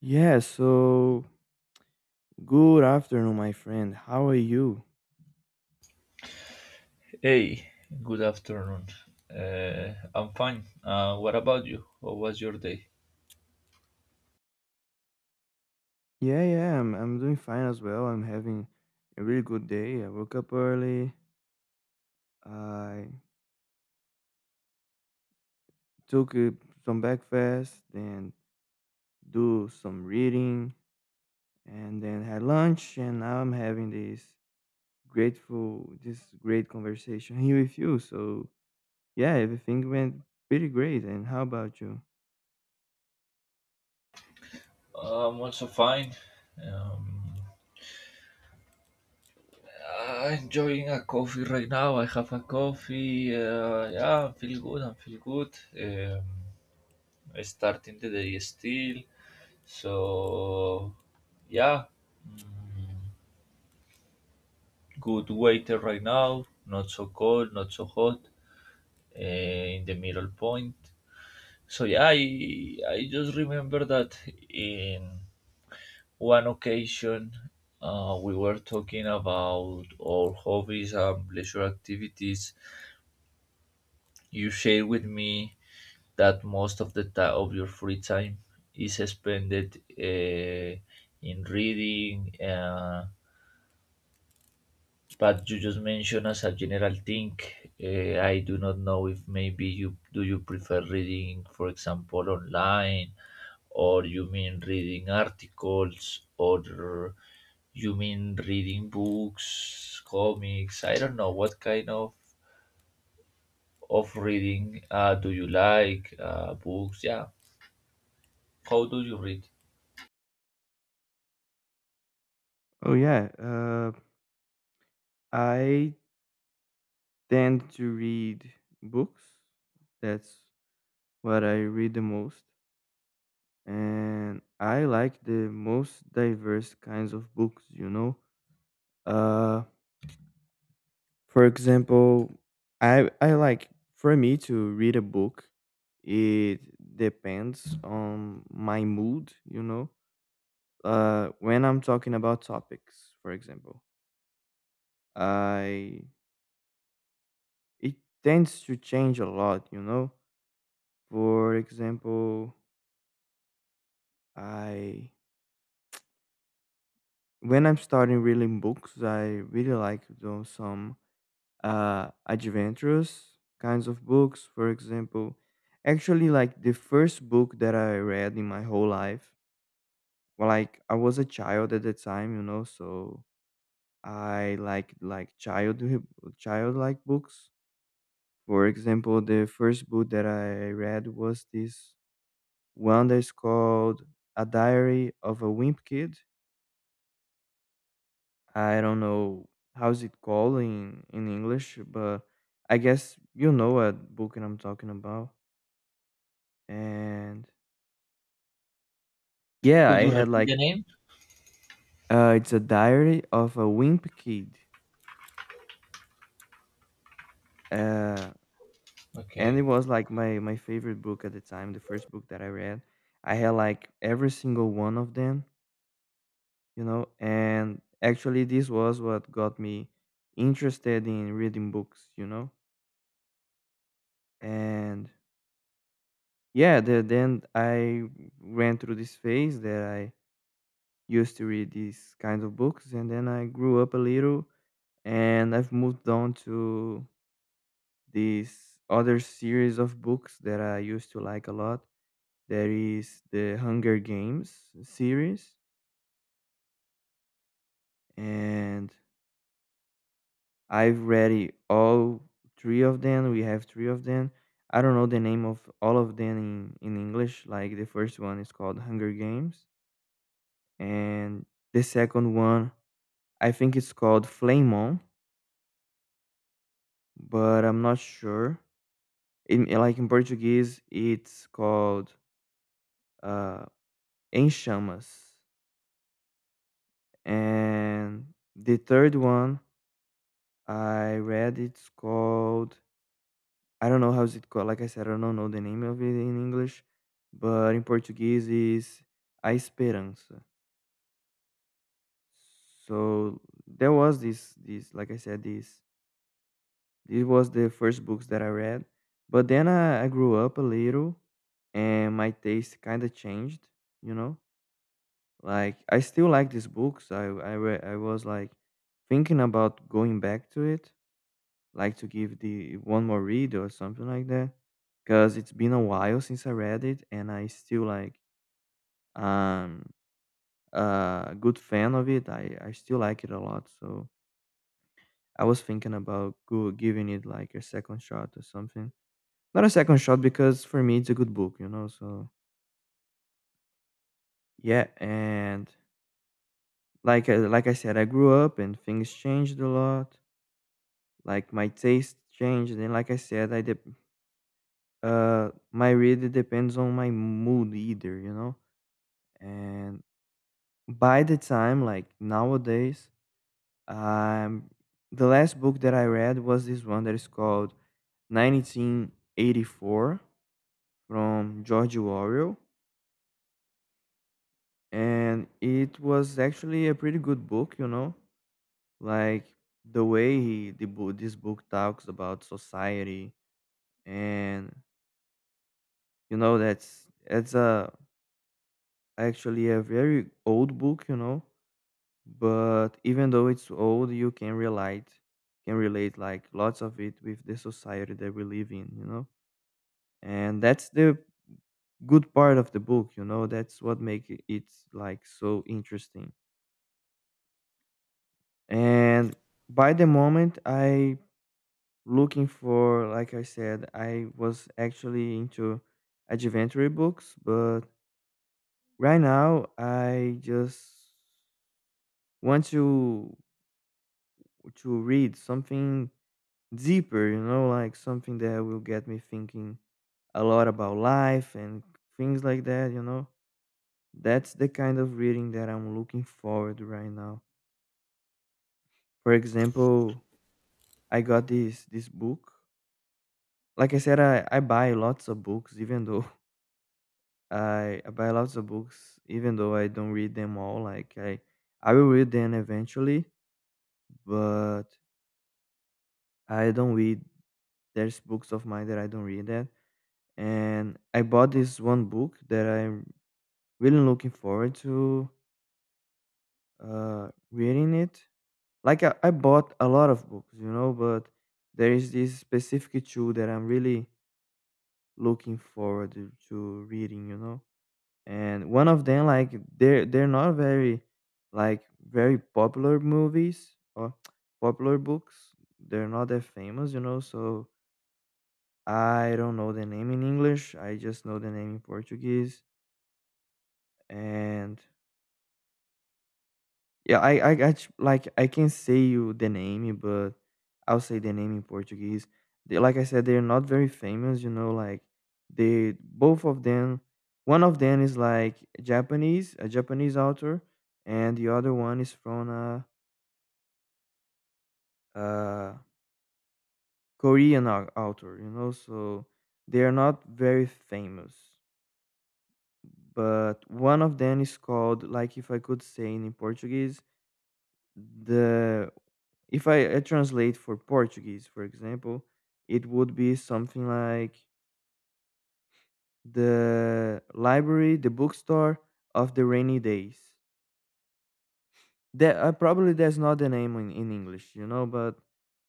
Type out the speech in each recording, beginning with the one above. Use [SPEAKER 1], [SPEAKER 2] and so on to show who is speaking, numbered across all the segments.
[SPEAKER 1] Yeah, so good afternoon, my friend. How are you?
[SPEAKER 2] Hey, good afternoon. I'm fine. What about you? How was your day?
[SPEAKER 1] Yeah, I'm doing fine as well. I'm having a really good day. I woke up early. I took some breakfast, then do some reading, and then had lunch. And now I'm having this great conversation here with you. So yeah, everything went pretty great. And how about you?
[SPEAKER 2] I'm also fine. Um, I'm enjoying a coffee right now. I have a coffee. Yeah, I feel good. I feel good. Um, I starting the day still. So, yeah, mm, good weather right now. Not so cold, not so hot. In the middle point. So yeah, I just remember that in one occasion we were talking about our hobbies and leisure activities. You shared with me that most of the time of your free time is spent in reading. But you just mentioned as a general thing. I do not know if maybe you prefer reading, for example, online, or you mean reading articles, or you mean reading books, comics. I don't know what kind of reading do you like? Books, yeah. How do you read?
[SPEAKER 1] Oh yeah, I tend to read books. That's what I read the most. And I like the most diverse kinds of books. You know. Uh, for example, I like for me to read a book. It depends on my mood. You know. When I'm talking about topics, for example, I it tends to change a lot. You know. For example, I when I'm starting reading books, I really like do some adventurous kinds of books. For example, actually, like the first book that I read in my whole life. Well, like I was a child at the time, you know, so I like childlike books. For example, the first book that I read was this one that's called "A Diary of a Wimp Kid." I don't know how's it called in English, but I guess you know what book I'm talking about. And yeah,
[SPEAKER 2] Could
[SPEAKER 1] I
[SPEAKER 2] you
[SPEAKER 1] had
[SPEAKER 2] repeat
[SPEAKER 1] like
[SPEAKER 2] the name?
[SPEAKER 1] it's a diary of a wimp kid. Uh, and it
[SPEAKER 2] Okay.
[SPEAKER 1] was like my favorite book at the time, the first book that I read. I had like every single one of them. You know. And actually, this was what got me interested in reading books. You know. And then I went through this phase that I used to read these kinds of books, and then I grew up a little, and I've moved on to this other series of books that I used to like a lot. That is the Hunger Games series, and I've read it all three of them. We have three of them. I don't know the name of all of them in English. Like the first one is called Hunger Games, and the second one I think it's called Flamon, but I'm not sure. Like in Portuguese, it's called uh, Em Chamas. And the third one I read, it's called, I don't know how's it called. Like I said, I don't know the name of it in English, but in Portuguese is A Esperança. So there was like I said, this was the first books that I read. But then I grew up a little and my taste kind of changed, you know? Like I still like these books. I was like thinking about going back to it, like to give the one more read or something like that because it's been a while since I read it and I still like um a good fan of it. I still like it a lot, so I was thinking about giving it like a second shot or something. Not a second shot because for me it's a good book. You know. So yeah, and like I said, I grew up and things changed a lot. Like my taste changed, and like I said, I dep my read it depends on my mood either. You know. And by the time like nowadays, um, the last book that I read was this one that is called 1984 from George Orwell and it was actually a pretty good book. You know. Like the way he, the book, this book talks about society and you know that's it's a actually a very old book, you know but even though it's old you can relate like lots of it with the society that we live in, you know and that's the good part of the book. You know that's what makes it like so interesting. And by the moment I looking for, like I said, I was actually into adventure books, but right now I just want to read something deeper, you know like something that will get me thinking a lot about life and things like that. You know that's the kind of reading that I'm looking forward right now. For example, I got this book. Like I said, I buy lots of books, even though I don't read them all. I will read them eventually, but I don't read. There's books of mine that I don't read that, and I bought this one book that I'm really looking forward to reading it. I bought a lot of books, you know, but there is this specific two that I'm really looking forward to reading. You know. And one of them, like they're not very like very popular movies or popular books, they're not that famous, you know so I don't know the name in English. I just know the name in Portuguese. And yeah, I got you. Like I can say you the name, but I'll say the name in Portuguese. They, like I said, they're not very famous. You know. Like they both of them, one of them is like Japanese, a Japanese author, and the other one is from a Korean au- author. You know. So they are not very famous, but one of them is called, like if I could say in Portuguese, the If I, I translate for Portuguese, for example, it would be something like the library, the bookstore of the rainy days. That probably that's not the name in English, you know, but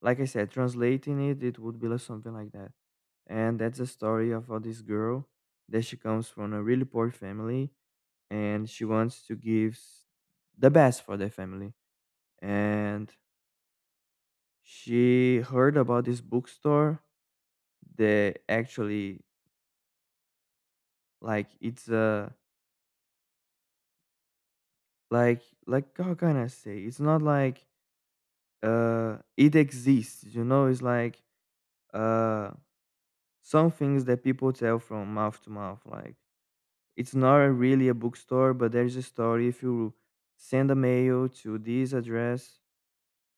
[SPEAKER 1] like I said, translating it, it would be like something like that. And that's a story of this girl that she comes from a really poor family and she wants to give the best for the family. And she heard about this bookstore, the actually like it's like how can I say, it's not like it exists. You know it's like uh some things that people tell from mouth to mouth. Like it's not a really a bookstore, but there's a story: if you send a mail to this address,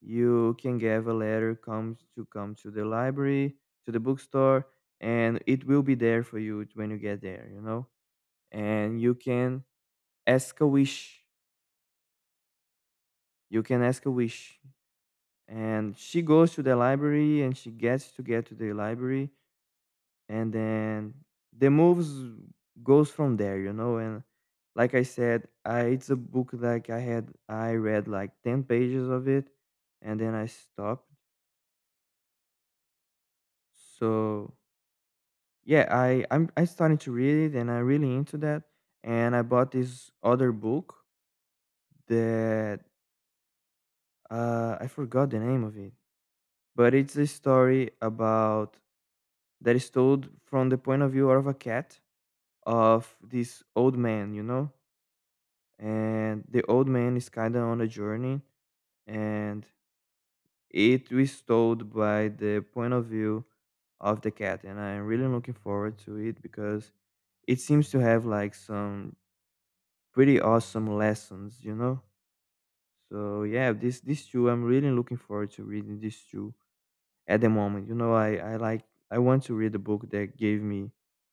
[SPEAKER 1] you can get a letter come to the library, to the bookstore, and it will be there for you when you get there. You know and you can ask a wish you can ask a wish. And she goes to the library and she get to the library, and then the moves goes from there. You know and like I said, I, it's a book, like I read like 10 pages of it and then I stopped. So yeah, I started to read it and I'm really into that. And I bought this other book that I forgot the name of it, but it's a story about that is told from the point of view of a cat, of this old man, you know? And the old man is kind of on a journey, and it was told by the point of view of the cat, and I'm really looking forward to it because it seems to have like some pretty awesome lessons, you know? So yeah, this these two I'm really looking forward to reading these two at the moment. You know, I like I want to read a book that gave me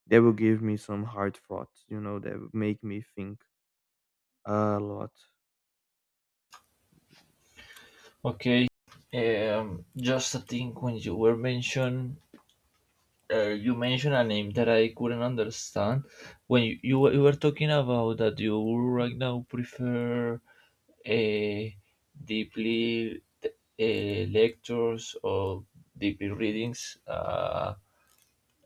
[SPEAKER 1] that will give me some hard thoughts, you know, that will make me think a lot.
[SPEAKER 2] Okay. Just a thing when you were mentioned you mentioned a name that I couldn't understand when you were talking about that you right now prefer uh, deeply lectures or deeply readings,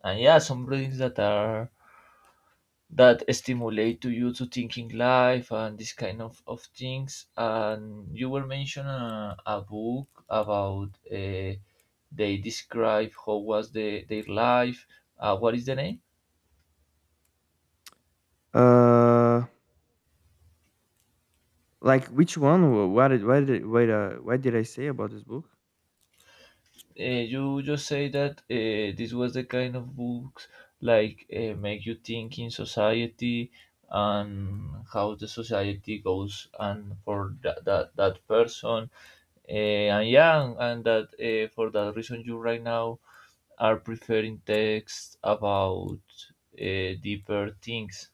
[SPEAKER 2] and yeah some readings that are that stimulate to you to thinking life and this kind of things, and you were mentioning a book about they describe how was the, their life, what is the name.
[SPEAKER 1] Uh like which one? Wha- What did why did wait What did I say about this book?
[SPEAKER 2] You just say that this was the kind of books like make you think in society and how the society goes and for that person, and yeah and that for that reason you right now are preferring texts about deeper things.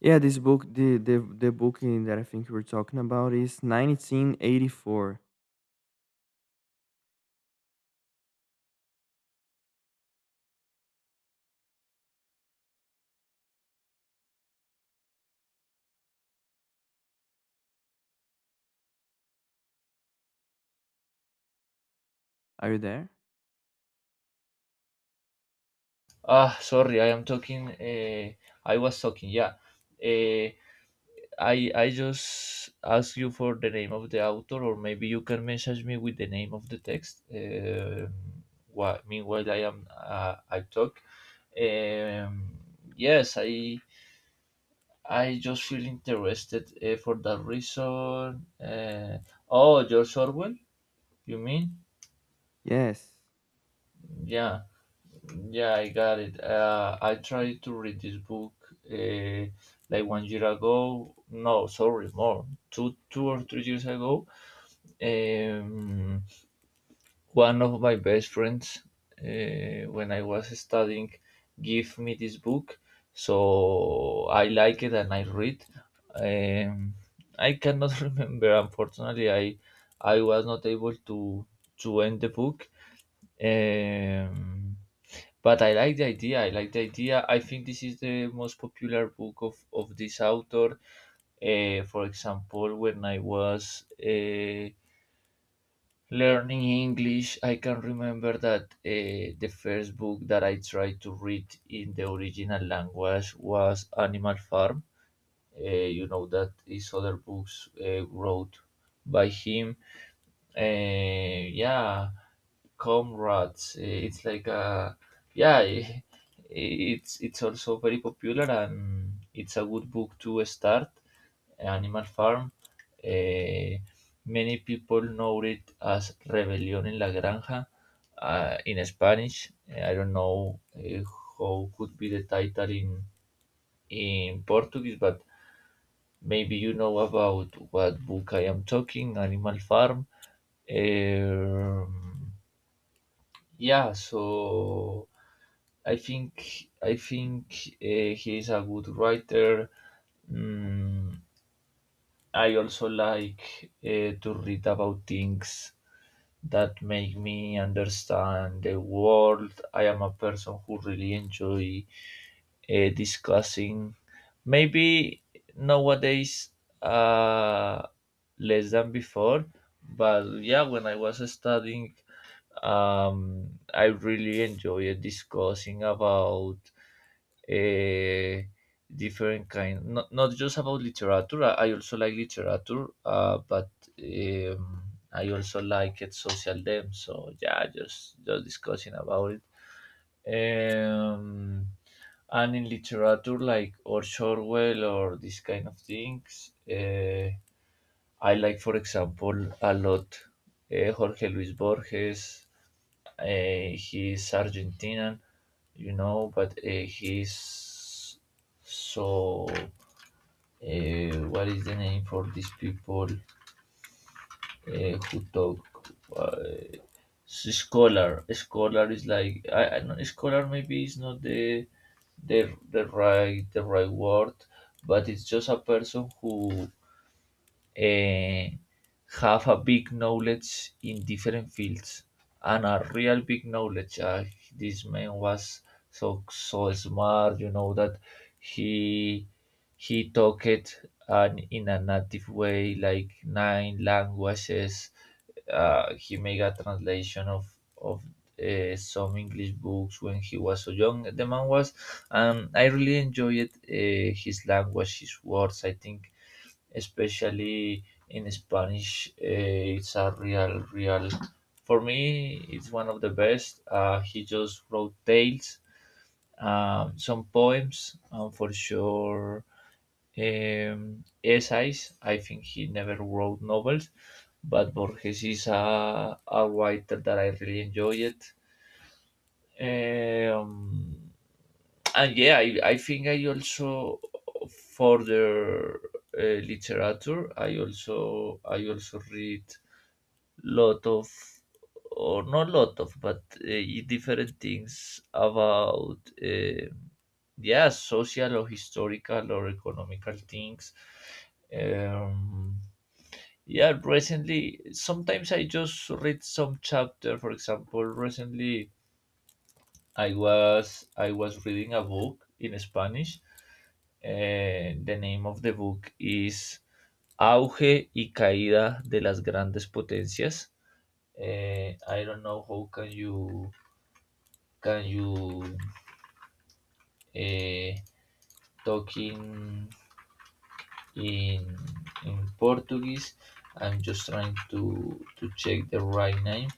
[SPEAKER 1] Yeah, this book, that I think we're talking about is 1984. Are you there?
[SPEAKER 2] Ah, sorry, I am talking, I was talking, yeah. uh, I just ask you for the name of the author, or maybe you can message me with the name of the text. While, meanwhile, I am I talk. Um, yes, I just feel interested for that reason. Oh, George Orwell, you mean?
[SPEAKER 1] Yes.
[SPEAKER 2] Yeah, yeah, I got it. I tried to read this book uh, like 1 year ago. No, sorry, more two 2 or 3 years ago. Um, One of my best friends, when I was studying, gave me this book, so I like it and I read. Um, I cannot remember, unfortunately. I was not able to end the book. Um, but I like the idea. I like the idea. I think this is the most popular book of this author. For example, when I was learning English, I can remember that the first book that I tried to read in the original language was Animal Farm. You know that is other books wrote by him. Eh, yeah, Comrades. Eh, it's like a yeah. It's also very popular and it's a good book to start. Animal Farm. Eh, Many people know it as Rebelión en la Granja in Spanish. I don't know how could be the title in Portuguese, but maybe you know about what book I am talking, Animal Farm. Um, yeah, so I think he is a good writer. Mm, I also like to read about things that make me understand the world. I am a person who really enjoy discussing. Maybe nowadays uh, less than before, but yeah, when I was studying, I really enjoyed discussing about uh, different kind not just about literature, I also like literature but um, I also like it social dem, so yeah just discussing about it, um, and in literature like or Orwell or this kind of things I like for example a lot jorge luis borges. He's Argentinian, you know, but he's so. What is the name for these people who talk? Uh, s- scholar. Scholar is like I know scholar maybe is not the right, the right word, but it's just a person who eh, have a big knowledge in different fields and a real big knowledge. This man was so smart, you know that he he talked and in a native way like nine languages. He made a translation of some English books when he was so young. The man was, I really enjoyed his language, his words. I think especially in Spanish. It's a real, real. For me, it's one of the best. He just wrote tales, some poems, and for sure essays. I think he never wrote novels, but Borges is a writer that I really enjoy it. Um, and yeah I think I also for the uh, literature I also read lot of or not lot of but different things about yeah social or historical or economical things, um, yeah recently sometimes I just read some chapter. For example, recently I was reading a book in spanish. The name of the book is Auge y Caída de las Grandes Potencias. I don't know how can you eh, talk in in Portuguese. I'm just trying to check the right name.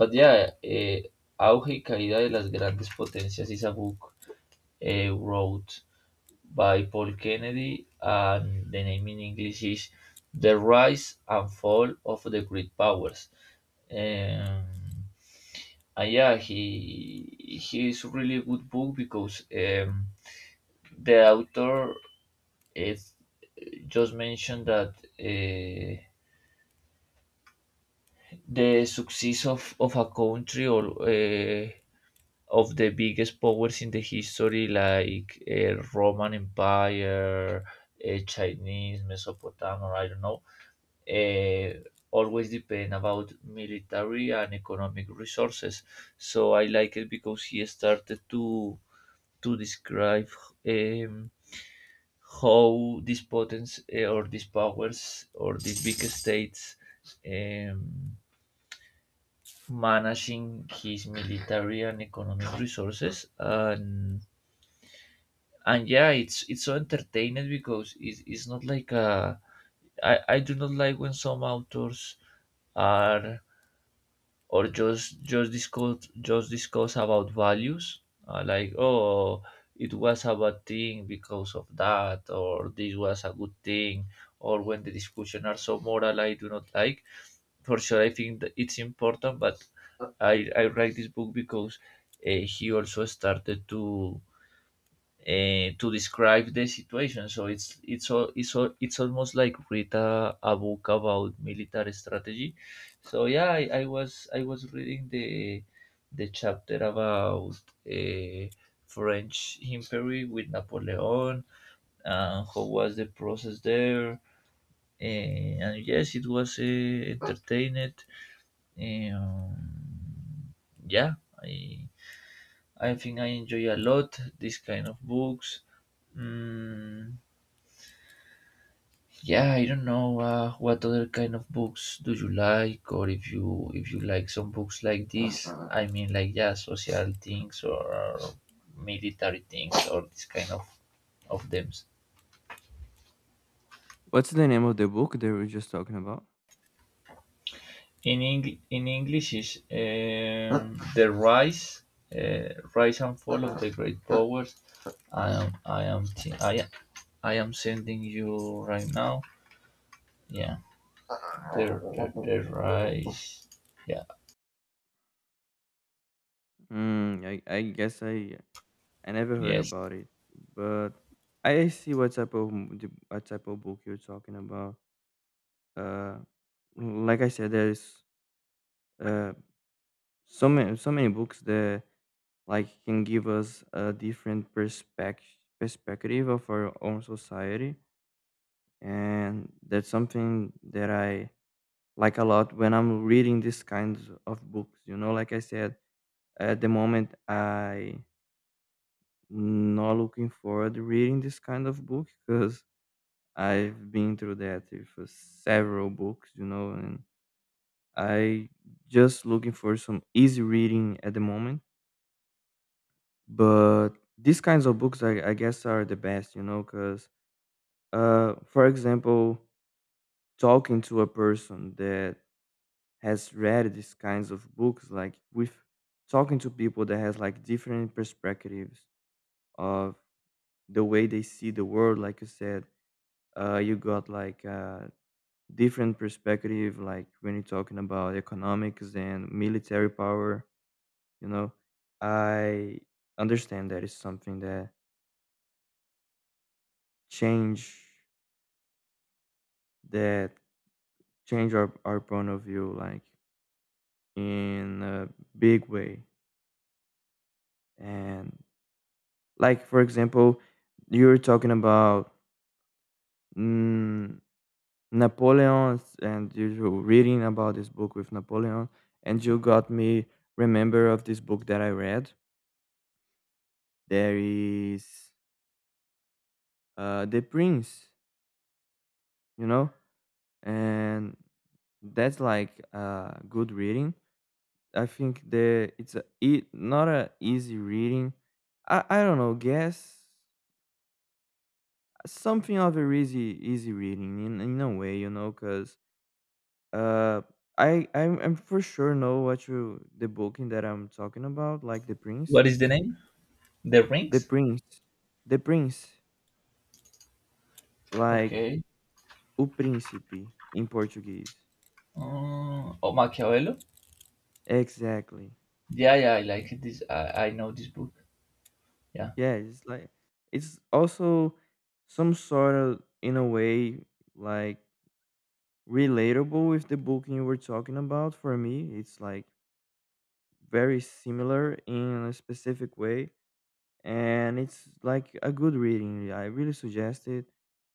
[SPEAKER 2] But yeah, Auge y Caída de las Grandes Potencias is a book wrote by Paul Kennedy, and the name in English is The Rise and Fall of the Great Powers. Um, and yeah, he is really good book because the author is just mentioned that the success of a country or of the biggest powers in the history like Roman Empire, Chinese, Mesopotamia, I don't know, uh, always depend about military and economic resources. So I like it because he started to describe um, how these potents or these powers or these big states um, managing his military and economic resources, and yeah it's so entertaining because it's not like a I do not like when some authors are or just discuss about values, like oh it was a bad thing because of that or this was a good thing, or when the discussion are so moral I do not like. For sure I think that it's important, but I write this book because he also started to describe the situation. So it's it's almost like read a book about military strategy. So yeah, I was reading the chapter about uh, French Imperial with Napoleon and how was the process there. And yes, it was entertained. Um, yeah, I I think I enjoy a lot this kind of books. Mm, yeah I don't know what other kind of books do you like, or if you like some books like this, I mean like yeah social things or military things or this kind of them.
[SPEAKER 1] What's the name of the book that we were just talking about?
[SPEAKER 2] In English, in english is the rise rise and fall of the great powers. I I, am sending you right now, yeah, the rise, yeah,
[SPEAKER 1] Mm, I guess I never heard
[SPEAKER 2] yes.
[SPEAKER 1] about it, but I see what type of what type of book you're talking about. Uh, like I said, there's uh so many books that like can give us a different perspective of our own society, and that's something that I like a lot when I'm reading these kinds of books. You know, like I said, at the moment I not looking forward to reading this kind of book because I've been through that with several books, you know, and I just looking for some easy reading at the moment. But these kinds of books, I guess, are the best, you know, because, for example, talking to a person that has read these kinds of books, like with talking to people that has like different perspectives of the way they see the world, like you said, you got like different perspective like when you're talking about economics and military power, you know. I understand that it's something change that change our point of view, like in a big way. And like for example you're talking about mm, Napoleon, and you're reading about this book with Napoleon, and you got me remember of this book that I read. There is The Prince, you know, and that's like good reading. I think the it's a, it not a easy reading. I don't know, guess something of a easy reading in a way, you know, because uh, I'm for sure know what you the booking that I'm talking about, like The Prince.
[SPEAKER 2] What is the
[SPEAKER 1] It's
[SPEAKER 2] name, the
[SPEAKER 1] The
[SPEAKER 2] rings?
[SPEAKER 1] Prince, The Prince, like
[SPEAKER 2] Okay.
[SPEAKER 1] O Príncipe in Portuguese.
[SPEAKER 2] Oh, Machiavello?
[SPEAKER 1] Exactly.
[SPEAKER 2] Yeah, yeah, I like it. This I know this book. Yeah.
[SPEAKER 1] Yeah, it's like it's also some sort of in a way like relatable with the book you were talking about. For me it's like very similar in a specific way, and it's like a good reading. I really suggest it.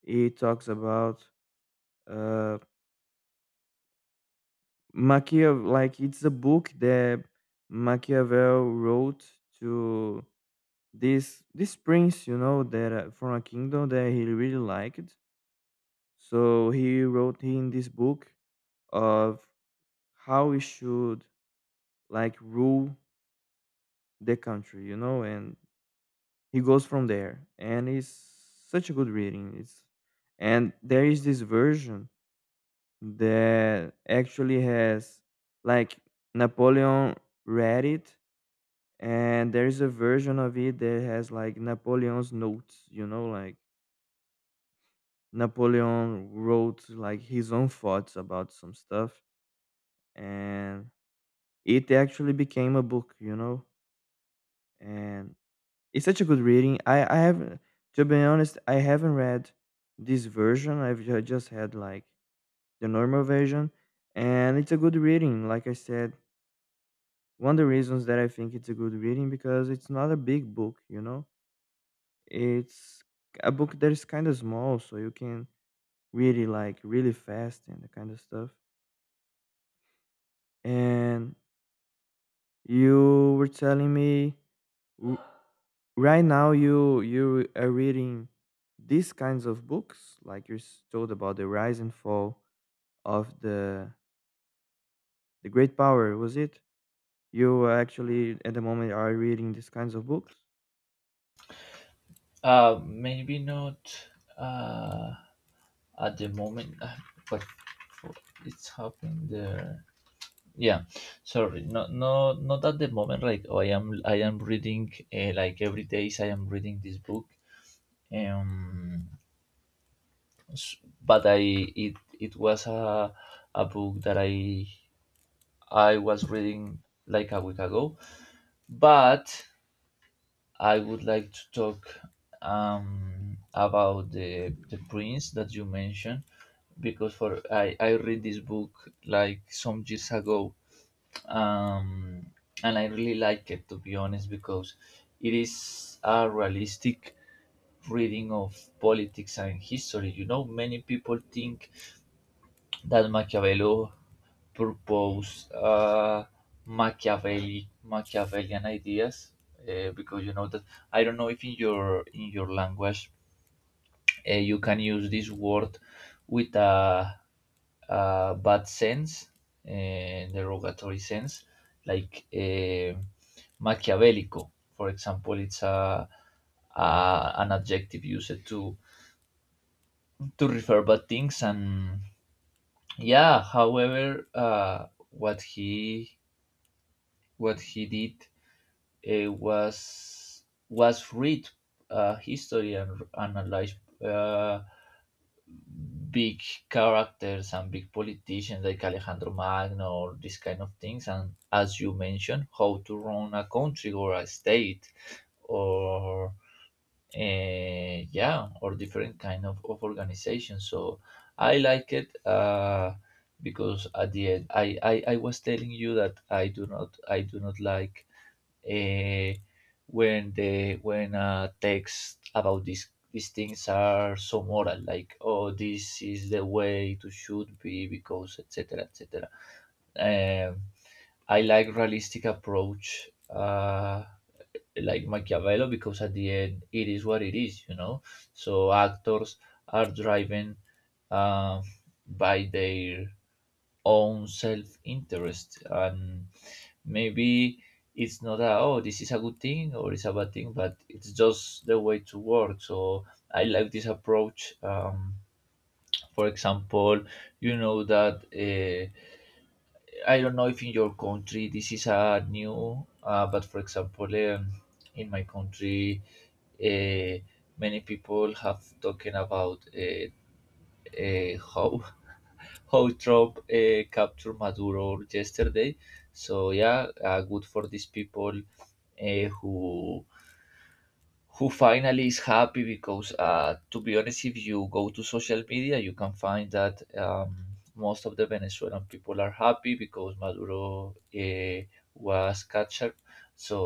[SPEAKER 1] It talks about uh Machiavel. Like it's a book that Machiavel wrote to this prince, you know, that from a kingdom that he really liked. So he wrote in this book of how we should like rule the country, you know, and he goes from there. And it's such a good reading. It's and there is this version that actually has like Napoleon read it, and there is a version of it that has like Napoleon's notes, you know, like Napoleon wrote like his own thoughts about some stuff, and it actually became a book, you know, and it's such a good reading. I haven't, to be honest, I haven't read this version. I've just had like the normal version, and it's a good reading. Like I said, one of the reasons that I think it's a good reading because it's not a big book, you know. It's a book that is kind of small, so you can read it like really fast and that kind of stuff. And you were telling me W- right now, you are reading these kinds of books, like you told about the rise and fall of the great power. Was it you actually at the moment are reading these kinds of books?
[SPEAKER 2] Maybe not uh, at the moment, but for- it's happened. Yeah, sorry, not no not at the moment. Like oh, I am reading like every day. I am reading this book. Um, s- But I it it was a book that I was reading like a week ago, but I would like to talk about the prince that you mentioned because for I read this book like some years ago, um, and I really like it to be honest because it is a realistic reading of politics and history. You know, many people think that Machiavelli proposed Machiavellian ideas because you know that I don't know if in your in your language you can use this word with a bad sense, derogatory sense, like Machiavellico, for example. It's a an adjective used to refer bad things. And yeah, however, what he did was read history and analyze, uh, big characters and big politicians like Alejandro Magno or this kind of things, and as you mentioned, how to run a country or a state or yeah, or different kind of organization. So I like it, because at the end I was telling you that I do not like uh, when the when texts about these things are so moral, like, oh, this is the way to should be because etc etc. um, I like realistic approach, like Machiavello, because at the end it is what it is. So actors are driven uh, by their own self interest, and maybe it's not a, oh, this is a good thing or it's a bad thing, but it's just the way to work. So I like this approach. For example, you know that. I don't know if in your country this is a new, but for example, in my country, uh, many people have talking about how how Trump captured Maduro yesterday. So yeah, good for these people uh, who who finally is happy, because to be honest, if you go to social media, you can find that most of the Venezuelan people are happy because Maduro was captured. So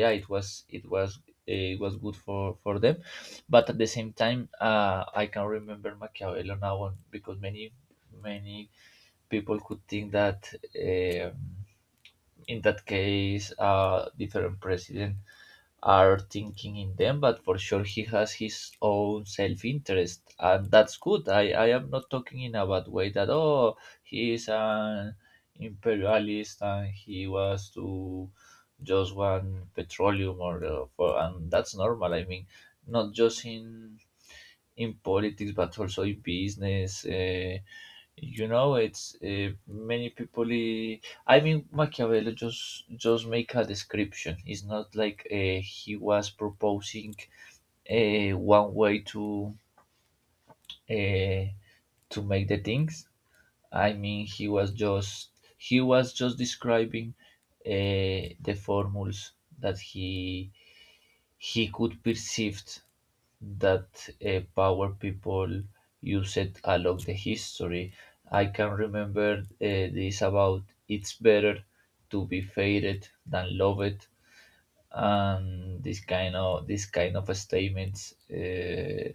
[SPEAKER 2] yeah, it was it was good for them. But at the same time, I can remember Machiavello now on- because many many people could think that um, in that case, different presidents are thinking in them, but for sure he has his own self interest, and that's good. I am not talking in a bad way that, oh, he is an imperialist and he was to just one petroleum or for, and that's normal. I mean, not just in politics but also in business. You know, it's many people. I mean, Machiavelli just make a description. It's not like he was proposing one way uh, to make the things. I mean, he was just describing the formulas that he could perceive that power people use it along the history. I can remember this about, it's better to be faded than loved, and this kind of statements, uh,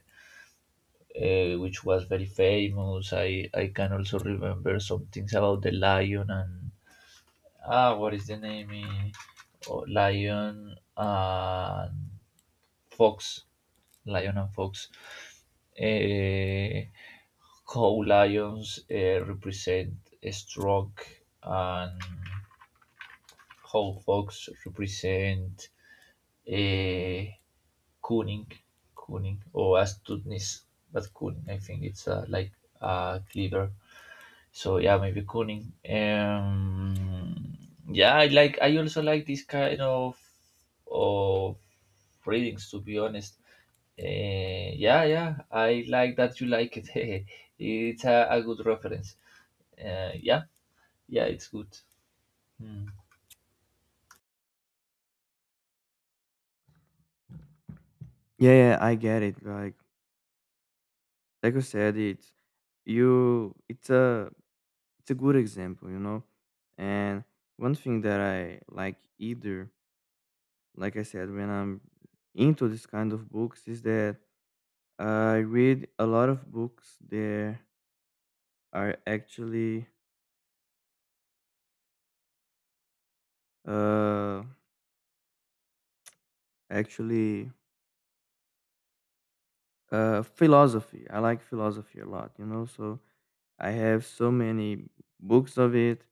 [SPEAKER 2] uh, which was very famous. I can also remember some things about the lion and, what is the name? Oh, lion and fox. Lion and Fox. Eh, how lions represent strength, and how fox represent, eh, Kuning, Kuning, or astuteness, but Kuning, I think it's like cleaver. So yeah, maybe Kuning. Yeah, I like. I also like this kind of readings. To be honest, yeah, yeah, I like that you like it. It's a good reference. Yeah, yeah, it's good. Hmm.
[SPEAKER 1] Yeah, yeah, I get it. Like you said, it's you it's a good example, you know. And one thing that I like either, like I said, when I'm into this kind of books is that I read a lot of books that are actually uh actually philosophy. I like philosophy a lot, you know, so I have so many books of it.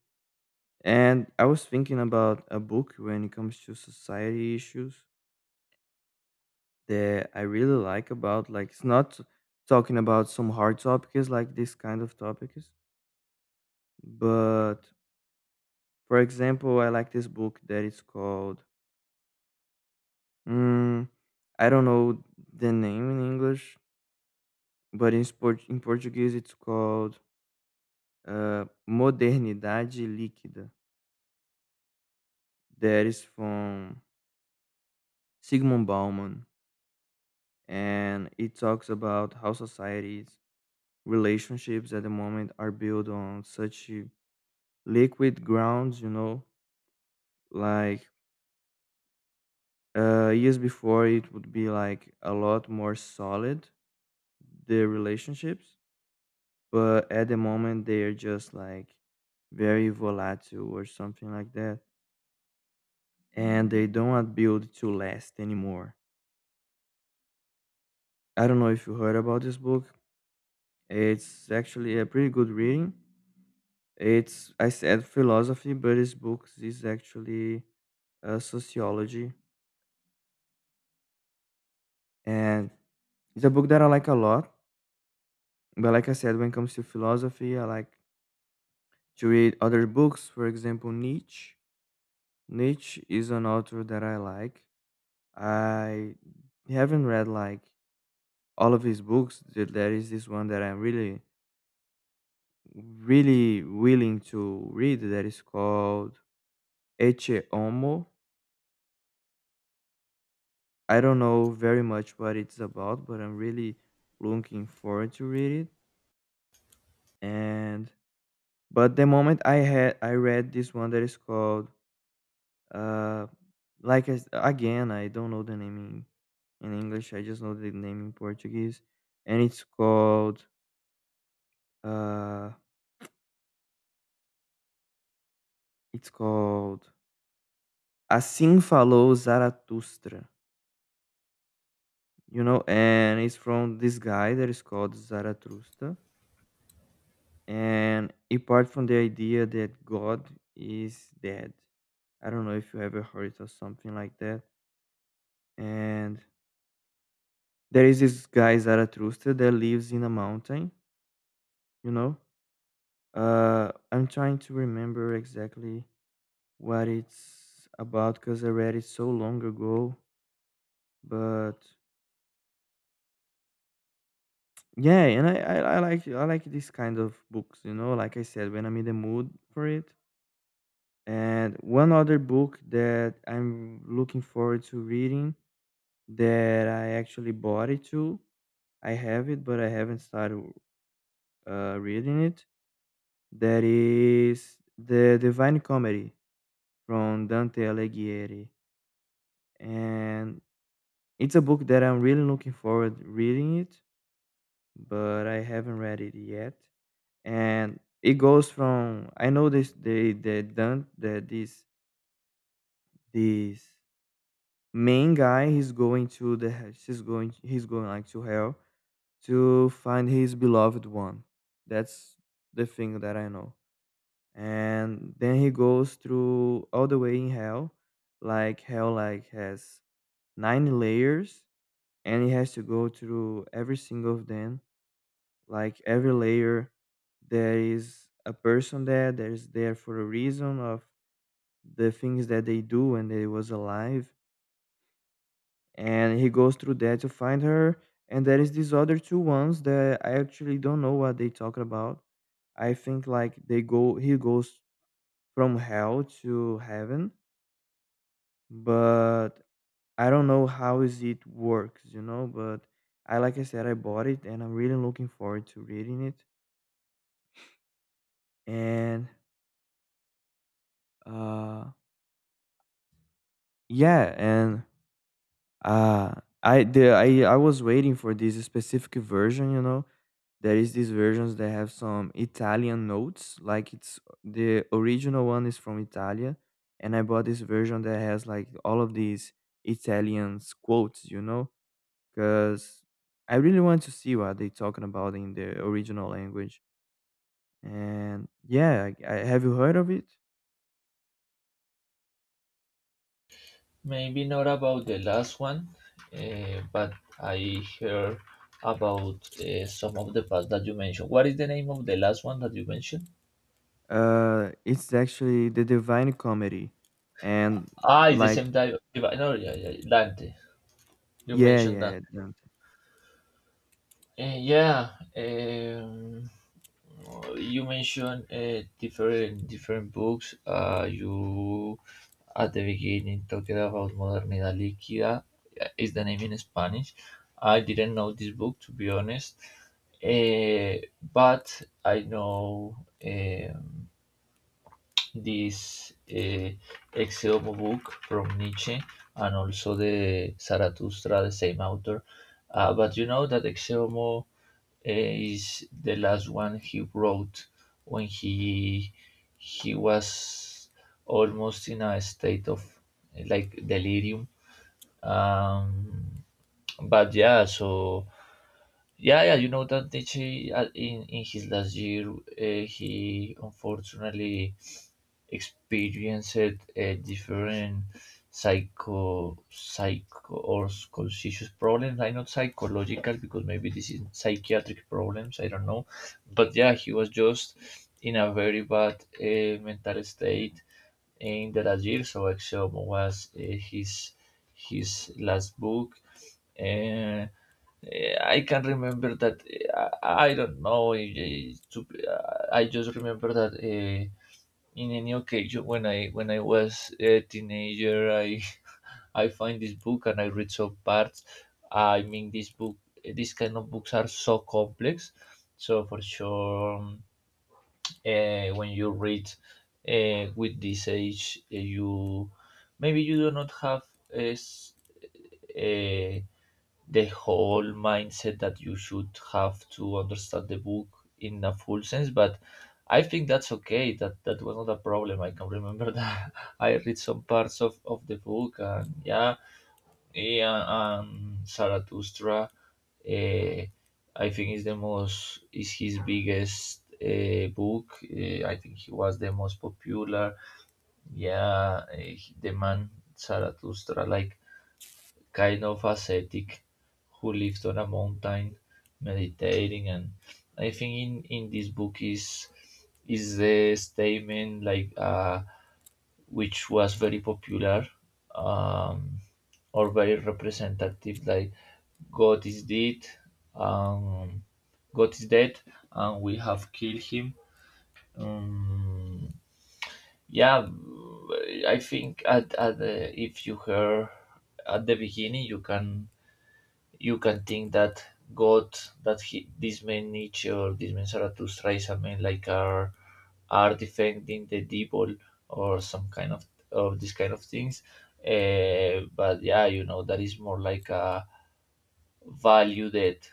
[SPEAKER 1] And I was thinking about a book when it comes to society issues that I really like about, like it's not talking about some hard topics like this kind of topics, but for example, I like this book that is called Mm, I don't know the name in English, but in Portuguese it's called Modernidade Líquida. That is from Sigmund Bauman. And it talks about how societies, relationships at the moment are built on such liquid grounds, you know, like years before it would be like a lot more solid, the relationships, but at the moment they are just like very volatile or something like that, and they don't build to last anymore. I don't know if you heard about this book. It's actually a pretty good reading. It's I said philosophy, but this book is actually sociology, and it's a book that I like a lot. But like I said, when it comes to philosophy, I like to read other books, for example Nietzsche. Nietzsche is an author that I like. I haven't read like all of his books. There is this one that I'm really, really willing to read that is called Ecce Homo. I don't know very much what it's about, but I'm really looking forward to read it. And but the moment I had I read this one that is called uh like I s again I don't know the name in English. I just know the name in Portuguese, and it's called uh it's called Assim Falou Zarathustra, you know, and it's from this guy that is called Zarathustra. And apart from the idea that God is dead, I don't know if you ever heard it or something like that. And there is this guy Zarathustra that lives in a mountain, you know. I'm trying to remember exactly what it's about because I read it so long ago, but yeah, and I like I like this kind of books, you know, like I said, when I'm in the mood for it. And one other book that I'm looking forward to reading that I actually bought it to. I have it, but I haven't started reading it. That is The Divine Comedy from Dante Alighieri. And it's a book that I'm really looking forward reading it, but I haven't read it yet. And it goes from I know this they done that this main guy he's going to the he- she's going he's going like to hell to find his beloved one. That's the thing that I know. And then he goes through all the way in hell like has nine layers, and he has to go through every single of them, like every layer there is a person there that is there for a reason of the things that they do when they was alive, and he goes through that to find her. And there is these other two ones that I actually don't know what they talk about. I think like they go he goes from hell to heaven, but I don't know how is it works, you know. But I like I said, I bought it and I'm really looking forward to reading it. And uh yeah, and uh I the I was waiting for this specific version, you know. There is these versions that have some Italian notes, like it's the original one is from Italia, and I bought this version that has like all of these Italians quotes, you know, because I really want to see what they talking about in the original language. And yeah, have you heard of it?
[SPEAKER 2] Maybe not about the last one, but I heard about, some of the past that you mentioned. What is the name of the last one that you mentioned?
[SPEAKER 1] It's actually the Divine Comedy, and
[SPEAKER 2] Ah, it's the same
[SPEAKER 1] like
[SPEAKER 2] di- divi- No, yeah, yeah, Dante. You
[SPEAKER 1] yeah,
[SPEAKER 2] mentioned
[SPEAKER 1] yeah,
[SPEAKER 2] that.
[SPEAKER 1] don't.
[SPEAKER 2] Yeah, um, you mentioned different different books. You at the beginning talked about Modernidad Líquida. Is the name in Spanish? I didn't know this book, to be honest, uh, but I know, um this Exeomo book from Nietzsche, and also the Zarathustra, the same author. But you know that Exeomo is the last one he wrote when he was almost in a state of like delirium. Um, but yeah, so yeah, yeah, you know that Nietzsche, in his last year, he unfortunately experienced a different psycho or conscious problems. I not psychological, because maybe this is psychiatric problems. I don't know, but yeah, he was just in a very bad mental state in the last year. So Axiom was his his last book. Uh, I can remember that eh, I don't know. I just remember that. Uh, in any occasion, when I was a teenager, I I find this book and I read some parts. I mean, this book, these kind of books are so complex. So for sure, when you read with this age, you maybe you do not have as, eh, the whole mindset that you should have to understand the book in a full sense. But I think that's okay, that that was not a problem. I can remember that I read some parts of the book, and yeah, yeah. Zarathustra, uh, I think is the most, is his biggest book. I think he was the most popular. Yeah, the man Zarathustra, like kind of ascetic who lived on a mountain meditating. And I think in this book is the statement, like which was very popular, um or very representative, like, God is dead. um God is dead, and we have killed him. um yeah. I think at the, if you hear at the beginning you can think that God, that he, this man Nietzsche or this man Zarathustra is a man like, are defending the devil or some kind of this kind of things. But yeah, you know that is more like a value that,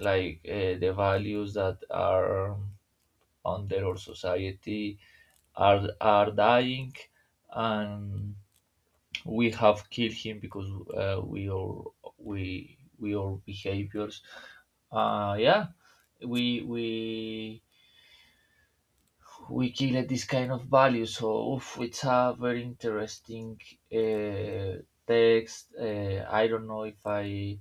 [SPEAKER 2] like, the values that are under our society are dying, and we have killed him because uh, we are we are behaviors, yeah, we we we killed this kind of value. So oof, it's a very interesting uh, text. I don't know if i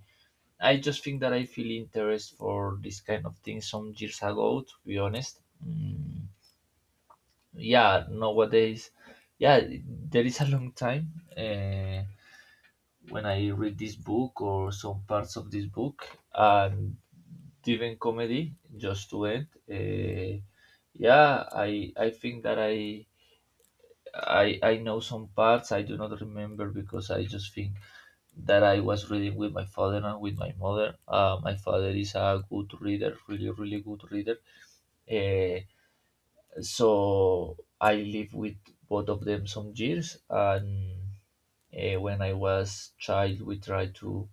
[SPEAKER 2] i just think that I feel interest for this kind of thing some years ago, to be honest. Yeah, nowadays. Yeah, there is a long time when I read this book or some parts of this book. And even Comedy, just to end. Yeah, I think that I know some parts, I do not remember, because I just think that I was reading with my father and with my mother. My father is a good reader, really really good reader. Uh, so I lived with both of them some years and. When I was child, we tried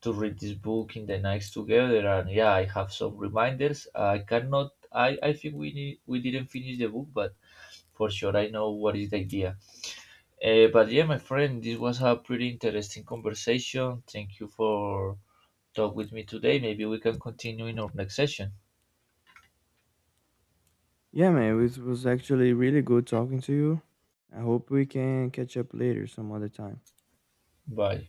[SPEAKER 2] to read this book in the nights together. And yeah, I have some reminders, I cannot I I think we didn't finish the book, but for sure I know what is the idea. But yeah, my friend, this was a pretty interesting conversation. Thank you for talk with me today. Maybe we can continue in our next session.
[SPEAKER 1] Yeah, man, it was actually really good talking to you. I hope we can catch up later some other time.
[SPEAKER 2] Bye.